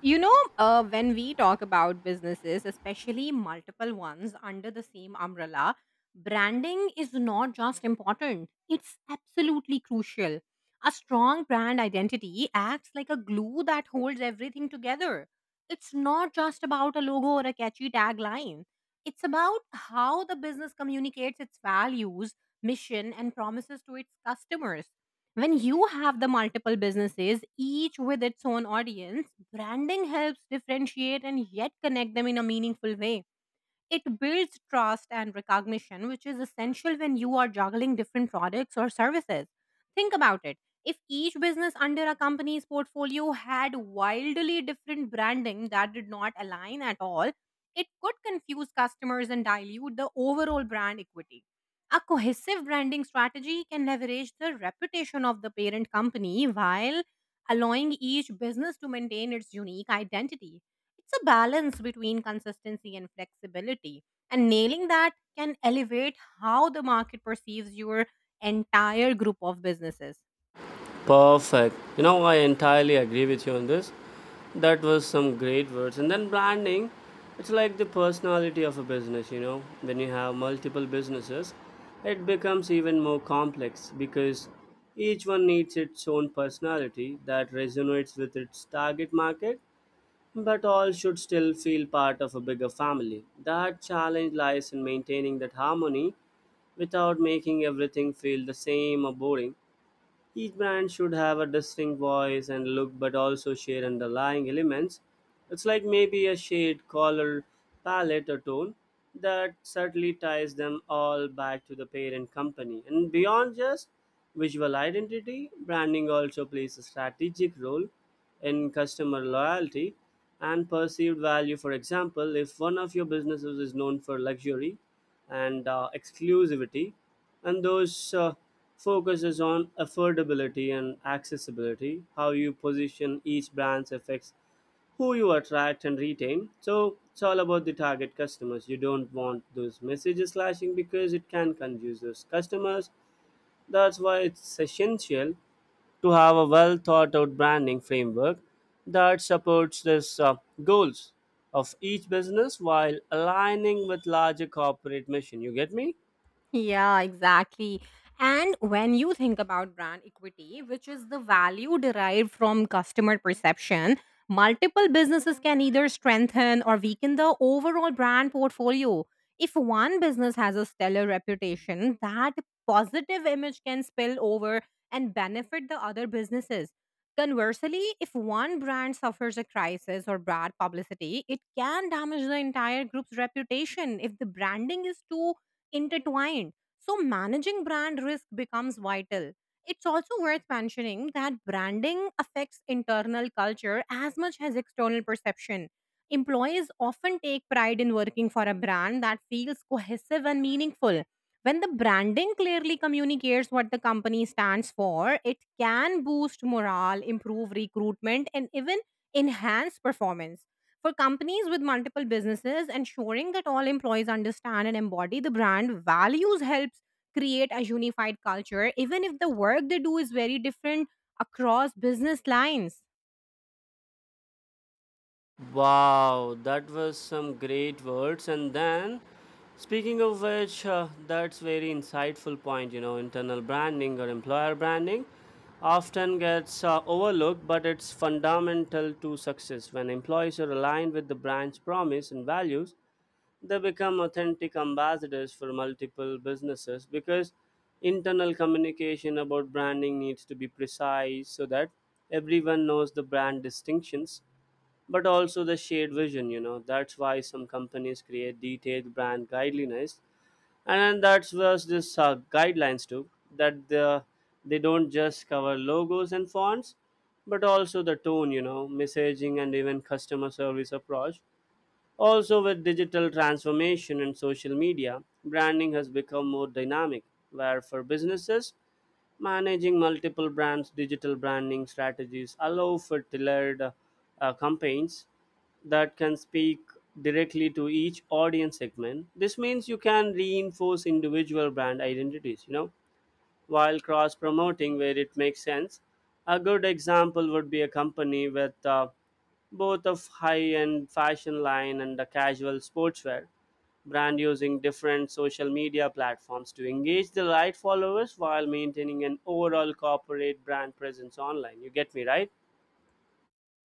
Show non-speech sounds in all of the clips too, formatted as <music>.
When we talk about businesses, especially multiple ones under the same umbrella, branding is not just important, it's absolutely crucial. A strong brand identity acts like a glue that holds everything together. It's not just about a logo or a catchy tagline, it's about how the business communicates its values, mission, and promises to its customers. When you have the multiple businesses, each with its own audience, branding helps differentiate and yet connect them in a meaningful way. It builds trust and recognition, which is essential when you are juggling different products or services. Think about it. If each business under a company's portfolio had wildly different branding that did not align at all, it could confuse customers and dilute the overall brand equity. A cohesive branding strategy can leverage the reputation of the parent company while allowing each business to maintain its unique identity. It's a balance between consistency and flexibility, and nailing that can elevate how the market perceives your entire group of businesses. Perfect. I entirely agree with you on this. That was some great words. And then branding, it's like the personality of a business. When you have multiple businesses, it becomes even more complex because each one needs its own personality that resonates with its target market, but all should still feel part of a bigger family. That challenge lies in maintaining that harmony without making everything feel the same or boring. Each brand should have a distinct voice and look but also share underlying elements. It's like maybe a shade, color, palette, or tone that subtly ties them all back to the parent company. And beyond just visual identity, branding also plays a strategic role in customer loyalty and perceived value. For example, if one of your businesses is known for luxury and exclusivity, and those focuses on affordability and accessibility. How you position each brand affects who you attract and retain, so it's all about the target customers. You don't want those messages clashing because it can confuse those customers. That's why it's essential to have a well thought out branding framework that supports this goals of each business while aligning with larger corporate mission. You get me? Yeah, exactly. And when you think about brand equity, which is the value derived from customer perception, multiple businesses can either strengthen or weaken the overall brand portfolio. If one business has a stellar reputation, that positive image can spill over and benefit the other businesses. Conversely, if one brand suffers a crisis or bad publicity, it can damage the entire group's reputation if the branding is too intertwined. So, managing brand risk becomes vital. It's also worth mentioning that branding affects internal culture as much as external perception. Employees often take pride in working for a brand that feels cohesive and meaningful. When the branding clearly communicates what the company stands for, it can boost morale, improve recruitment, and even enhance performance. For companies with multiple businesses, ensuring that all employees understand and embody the brand values helps create a unified culture, even if the work they do is very different across business lines. Wow, that was some great words. And then, speaking of which, that's very insightful point. Internal branding or employer branding often gets overlooked, but it's fundamental to success. When employees are aligned with the brand's promise and values, they become authentic ambassadors for multiple businesses because internal communication about branding needs to be precise so that everyone knows the brand distinctions but also the shared vision. That's why some companies create detailed brand guidelines, and that's where this guidelines too that the, they don't just cover logos and fonts but also the tone, messaging and even customer service approach. Also, with digital transformation and social media, branding has become more dynamic where for businesses managing multiple brands, digital branding strategies allow for tailored campaigns that can speak directly to each audience segment. This means you can reinforce individual brand identities, while cross promoting where it makes sense. A good example would be a company with both a high end fashion line and a casual sportswear brand using different social media platforms to engage the right followers while maintaining an overall corporate brand presence online. You get me, right?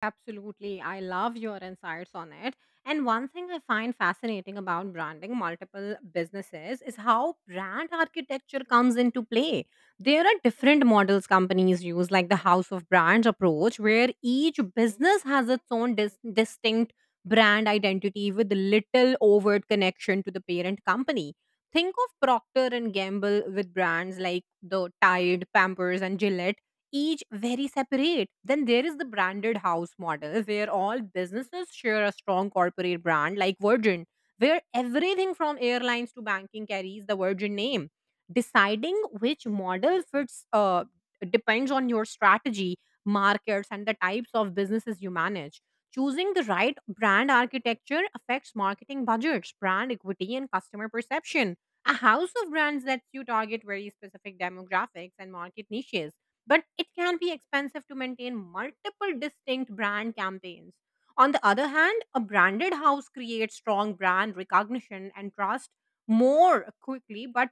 Absolutely. I love your insights on it. And one thing I find fascinating about branding multiple businesses is how brand architecture comes into play. There are different models companies use, like the house of brands approach, where each business has its own distinct brand identity with little overt connection to the parent company. Think of Procter and Gamble with brands like the Tide, Pampers, and Gillette each very separate. Then there is the branded house model where all businesses share a strong corporate brand like Virgin, where everything from airlines to banking carries the Virgin name. Deciding which model fits depends on your strategy, markets, and the types of businesses you manage. Choosing the right brand architecture affects marketing budgets, brand equity, and customer perception. A house of brands lets you target very specific demographics and market niches, but it can be expensive to maintain multiple distinct brand campaigns. On the other hand, a branded house creates strong brand recognition and trust more quickly, but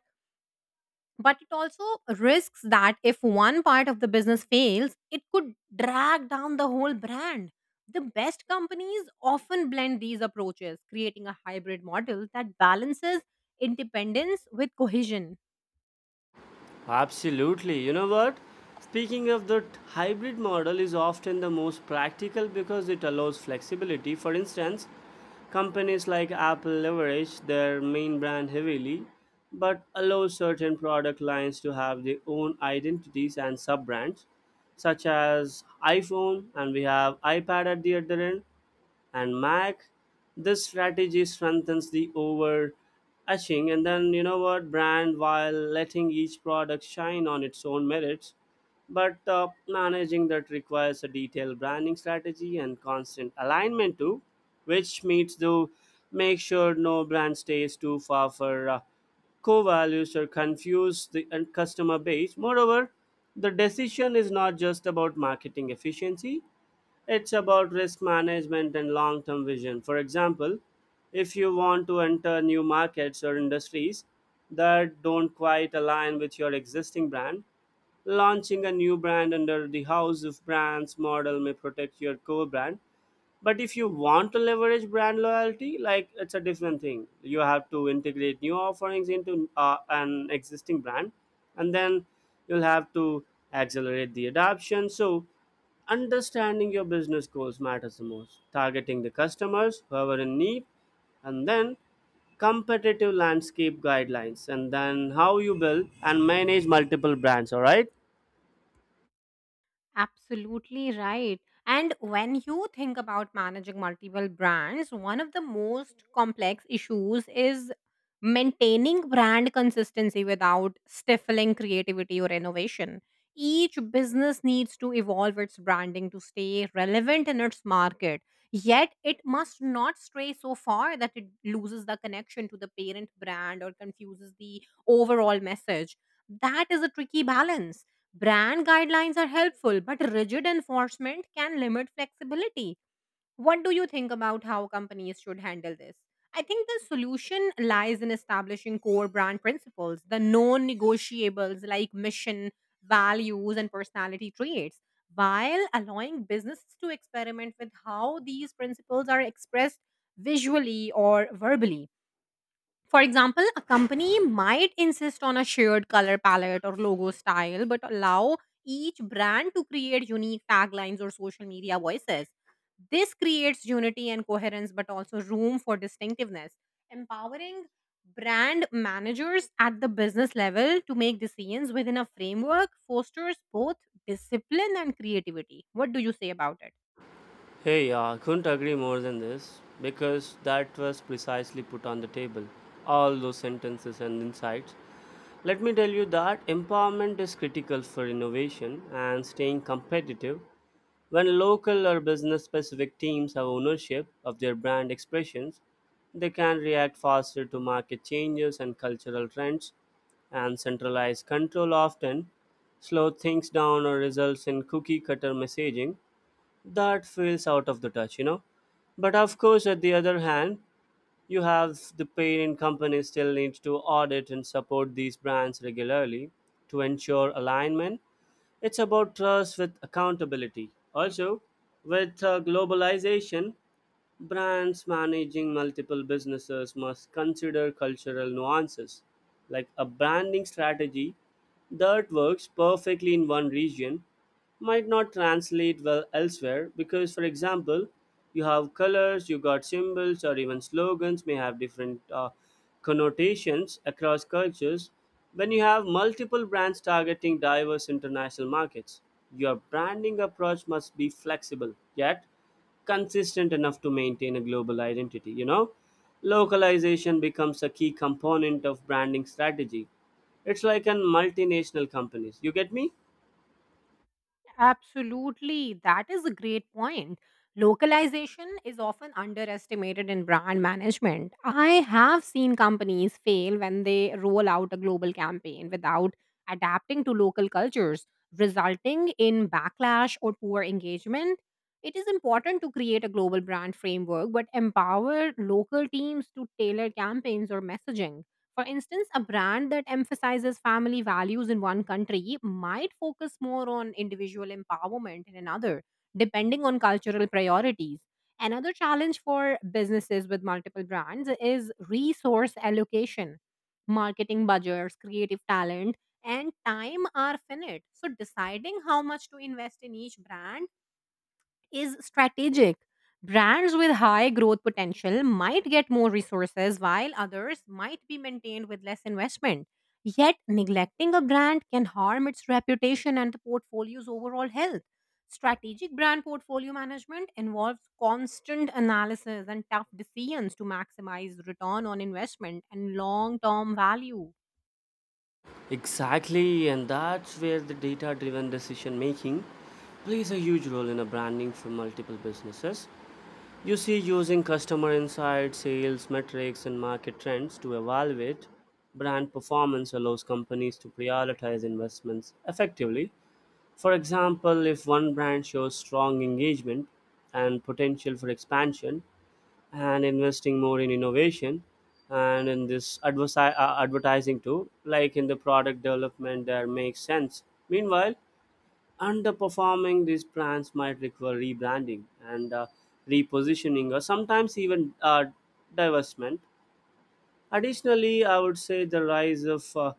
but it also risks that if one part of the business fails, it could drag down the whole brand. The best companies often blend these approaches, creating a hybrid model that balances independence with cohesion. Absolutely. You know what? Speaking of that, hybrid model is often the most practical because it allows flexibility. For instance, companies like Apple leverage their main brand heavily, but allow certain product lines to have their own identities and sub brands, such as iPhone, and we have iPad at the other end and Mac. This strategy strengthens the overarching, and then you know what brand while letting each product shine on its own merits. But managing that requires a detailed branding strategy and constant alignment too, which means to make sure no brand stays too far for core values or confuse the customer base. Moreover, the decision is not just about marketing efficiency, it's about risk management and long term vision. For example, if you want to enter new markets or industries that don't quite align with your existing brand, launching a new brand under the house of brands model may protect your core brand. But if you want to leverage brand loyalty, like it's a different thing, you have to integrate new offerings into an existing brand, and then you'll have to accelerate the adoption. So understanding your business goals matters the most, targeting the customers who are in need, and then competitive landscape, guidelines, and then how you build and manage multiple brands, all right? Absolutely right. And when you think about managing multiple brands, one of the most complex issues is maintaining brand consistency without stifling creativity or innovation. Each business needs to evolve its branding to stay relevant in its market, yet, it must not stray so far that it loses the connection to the parent brand or confuses the overall message. That is a tricky balance. Brand guidelines are helpful, but rigid enforcement can limit flexibility. What do you think about how companies should handle this? I think the solution lies in establishing core brand principles, the non negotiables like mission, values, and personality traits, while allowing businesses to experiment with how these principles are expressed visually or verbally. For example, a company might insist on a shared color palette or logo style, but allow each brand to create unique taglines or social media voices. This creates unity and coherence, but also room for distinctiveness. Empowering brand managers at the business level to make decisions within a framework fosters both discipline and creativity. What do you say about it? Hey, I couldn't agree more than this because that was precisely put on the table. All those sentences and insights. Let me tell you that empowerment is critical for innovation and staying competitive. When local or business specific teams have ownership of their brand expressions, they can react faster to market changes and cultural trends, and centralized control often slows things down or results in cookie cutter messaging that feels out of the touch. But of course, at the other hand, you have the parent company still needs to audit and support these brands regularly to ensure alignment. It's about trust with accountability. Also, with globalization, brands managing multiple businesses must consider cultural nuances, like a branding strategy that works perfectly in one region might not translate well elsewhere because, for example, you have colors, you got symbols, or even slogans may have different connotations across cultures. When you have multiple brands targeting diverse international markets, your branding approach must be flexible, yet consistent enough to maintain a global identity. Localization becomes a key component of branding strategy. It's like in multinational companies. You get me? Absolutely. That is a great point. Localization is often underestimated in brand management. I have seen companies fail when they roll out a global campaign without adapting to local cultures, resulting in backlash or poor engagement. It is important to create a global brand framework, but empower local teams to tailor campaigns or messaging. For instance, a brand that emphasizes family values in one country might focus more on individual empowerment in another, depending on cultural priorities. Another challenge for businesses with multiple brands is resource allocation. Marketing budgets, creative talent, and time are finite. So, deciding how much to invest in each brand is strategic. Brands with high growth potential might get more resources while others might be maintained with less investment. Yet, neglecting a brand can harm its reputation and the portfolio's overall health. Strategic brand portfolio management involves constant analysis and tough decisions to maximize return on investment and long term value. Exactly, and that's where the data driven decision making plays a huge role in a branding for multiple businesses. You see, using customer insights, sales metrics and market trends to evaluate brand performance allows companies to prioritize investments effectively. For example, if one brand shows strong engagement and potential for expansion, and investing more in innovation and in this advertising too, like in the product development, that makes sense. Meanwhile, underperforming these plans might require rebranding and repositioning or sometimes even divestment. Additionally, I would say the rise of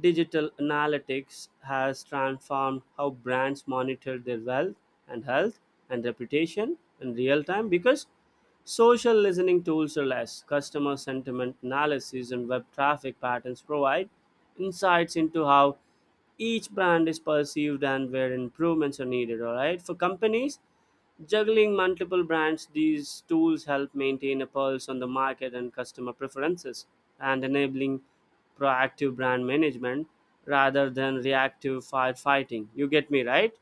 digital analytics has transformed how brands monitor their wealth and health and reputation in real time because social listening tools are less. Customer sentiment analysis and web traffic patterns provide insights into how each brand is perceived and where improvements are needed, all right, for companies juggling multiple brands. These tools help maintain a pulse on the market and customer preferences and enabling proactive brand management rather than reactive firefighting. You get me, right?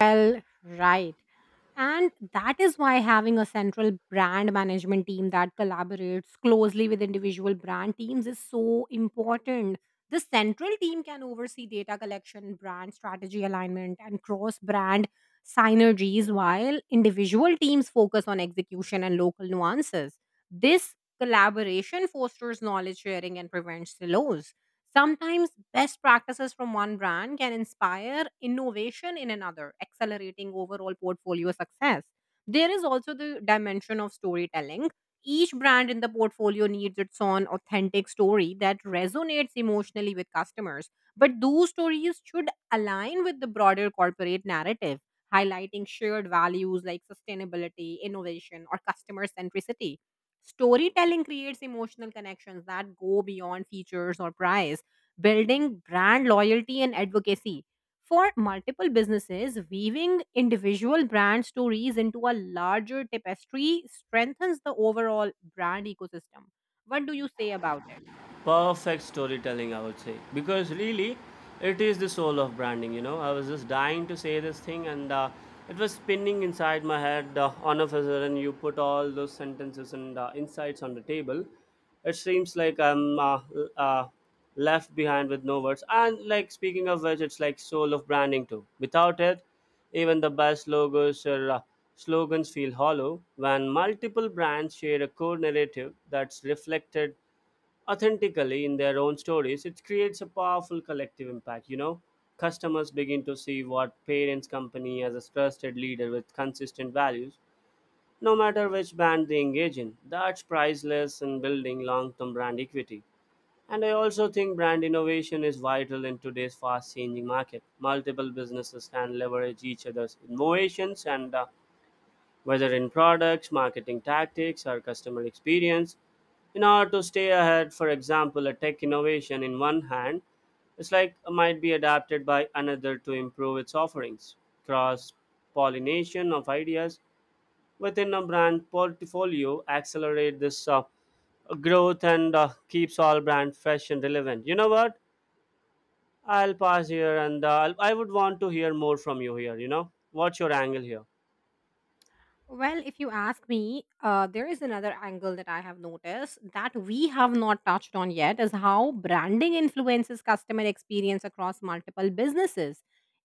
Well, right. And that is why having a central brand management team that collaborates closely with individual brand teams is so important. The central team can oversee data collection, brand strategy alignment, and cross brand synergies, while individual teams focus on execution and local nuances. This collaboration fosters knowledge sharing and prevents silos. Sometimes best practices from one brand can inspire innovation in another, accelerating overall portfolio success. There is also the dimension of storytelling. Each brand in the portfolio needs its own authentic story that resonates emotionally with customers. But those stories should align with the broader corporate narrative, highlighting shared values like sustainability, innovation, or customer centricity. Storytelling creates emotional connections that go beyond features or price, building brand loyalty and advocacy. For multiple businesses, weaving individual brand stories into a larger tapestry strengthens the overall brand ecosystem. What do you say about it? Perfect storytelling, I would say, because really it is the soul of branding. I was just dying to say this thing, and it was spinning inside my head, on a sudden you put all those sentences and insights on the table. It seems like I'm left behind with no words, and like speaking of which, it's like soul of branding too. Without it, even the best logos or slogans feel hollow. When multiple brands share a core narrative that's reflected authentically in their own stories, it creates a powerful collective impact. Customers begin to see what parents' company as a trusted leader with consistent values, no matter which brand they engage in. That's priceless in building long term brand equity. And I also think brand innovation is vital in today's fast changing market. Multiple businesses can leverage each other's innovations and whether in products, marketing tactics, or customer experience. In order to stay ahead, for example, a tech innovation in one hand, it's like, might be adapted by another to improve its offerings. Cross pollination of ideas within a brand portfolio accelerate this growth and keeps all brand fresh and relevant. You know what? I'll pass here, and I would want to hear more from you here. What's your angle here? Well, if you ask me, there is another angle that I have noticed that we have not touched on yet is how branding influences customer experience across multiple businesses.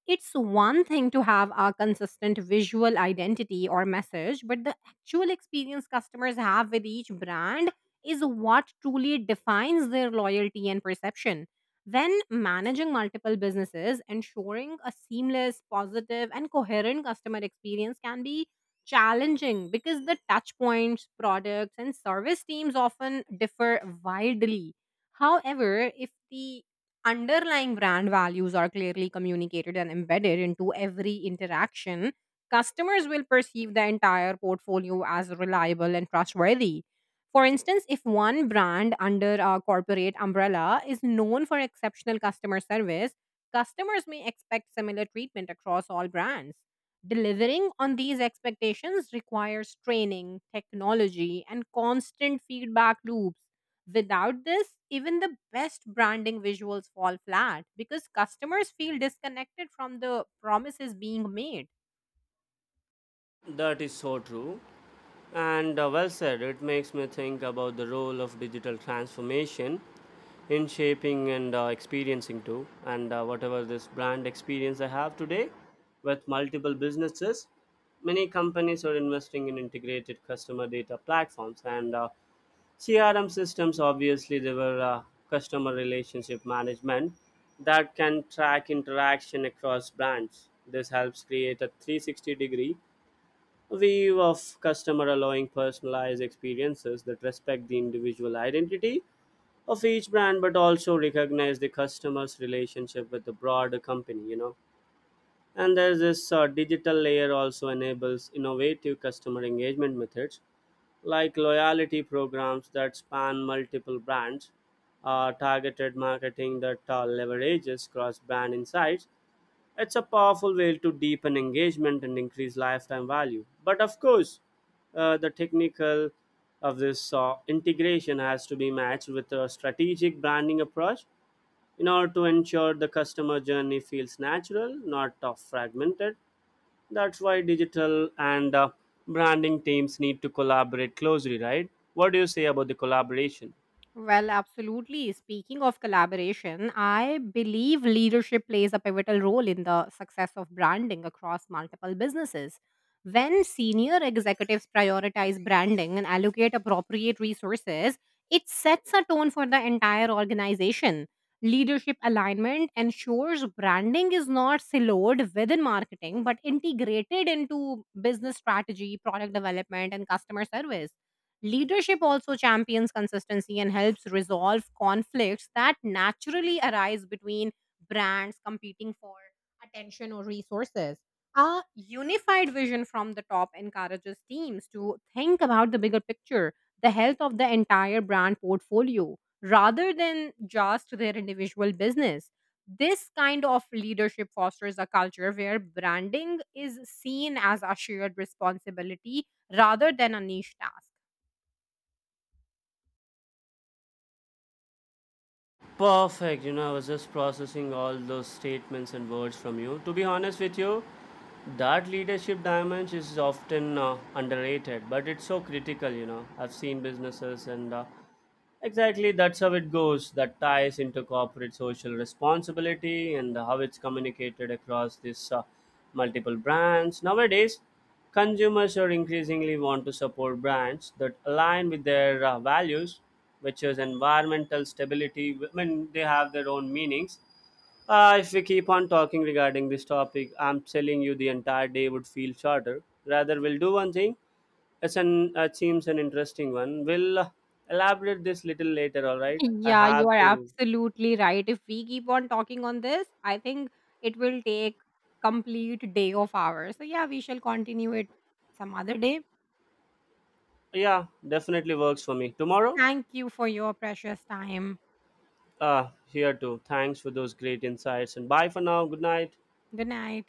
It's one thing to have a consistent visual identity or message, but the actual experience customers have with each brand is what truly defines their loyalty and perception. When managing multiple businesses, ensuring a seamless, positive, and coherent customer experience can be challenging because the touch points, products, and service teams often differ widely. However, if the underlying brand values are clearly communicated and embedded into every interaction, customers will perceive the entire portfolio as reliable and trustworthy. For instance, if one brand under a corporate umbrella is known for exceptional customer service, customers may expect similar treatment across all brands. Delivering on these expectations requires training, technology, and constant feedback loops. Without this, even the best branding visuals fall flat because customers feel disconnected from the promises being made. That is so true. And well said, it makes me think about the role of digital transformation in shaping and experiencing too. And whatever this brand experience I have today with multiple businesses, many companies are investing in integrated customer data platforms and CRM systems. Obviously, they were customer relationship management that can track interaction across brands. This helps create a 360 degree view of customer allowing personalized experiences that respect the individual identity of each brand but also recognize the customer's relationship with the broader company. And there's this digital layer also enables innovative customer engagement methods like loyalty programs that span multiple brands, targeted marketing that leverages cross brand insights. It's a powerful way to deepen engagement and increase lifetime value. But of course, the technical of this integration has to be matched with a strategic branding approach in order to ensure the customer journey feels natural, not fragmented. That's why digital and branding teams need to collaborate closely, right? What do you say about the collaboration? Well, absolutely. Speaking of collaboration, I believe leadership plays a pivotal role in the success of branding across multiple businesses. When senior executives prioritize branding and allocate appropriate resources, it sets a tone for the entire organization. Leadership alignment ensures branding is not siloed within marketing but integrated into business strategy, product development, and customer service. Leadership also champions consistency and helps resolve conflicts that naturally arise between brands competing for attention or resources. A unified vision from the top encourages teams to think about the bigger picture, the health of the entire brand portfolio, rather than just their individual business. This kind of leadership fosters a culture where branding is seen as a shared responsibility rather than a niche task. Perfect. I was just processing all those statements and words from you. To be honest with you, that leadership dimension is often underrated, but it's so critical. I've seen businesses and exactly, that's how it goes. That ties into corporate social responsibility and how it's communicated across these multiple brands. Nowadays, consumers are increasingly want to support brands that align with their values, which is environmental stability. When they have their own meanings. If we keep on talking regarding this topic, I'm telling you the entire day would feel shorter. Rather, we'll do one thing. It seems an interesting one. We'll elaborate this little later. All <laughs> right. I Yeah, you have are to. absolutely right. If we keep on talking on this, I think it will take complete day of ours. So yeah, we shall continue it some other day. Yeah, definitely works for me. Tomorrow. Thank you for your precious time. Here too. Thanks for those great insights. And bye for now. Good night. Good night.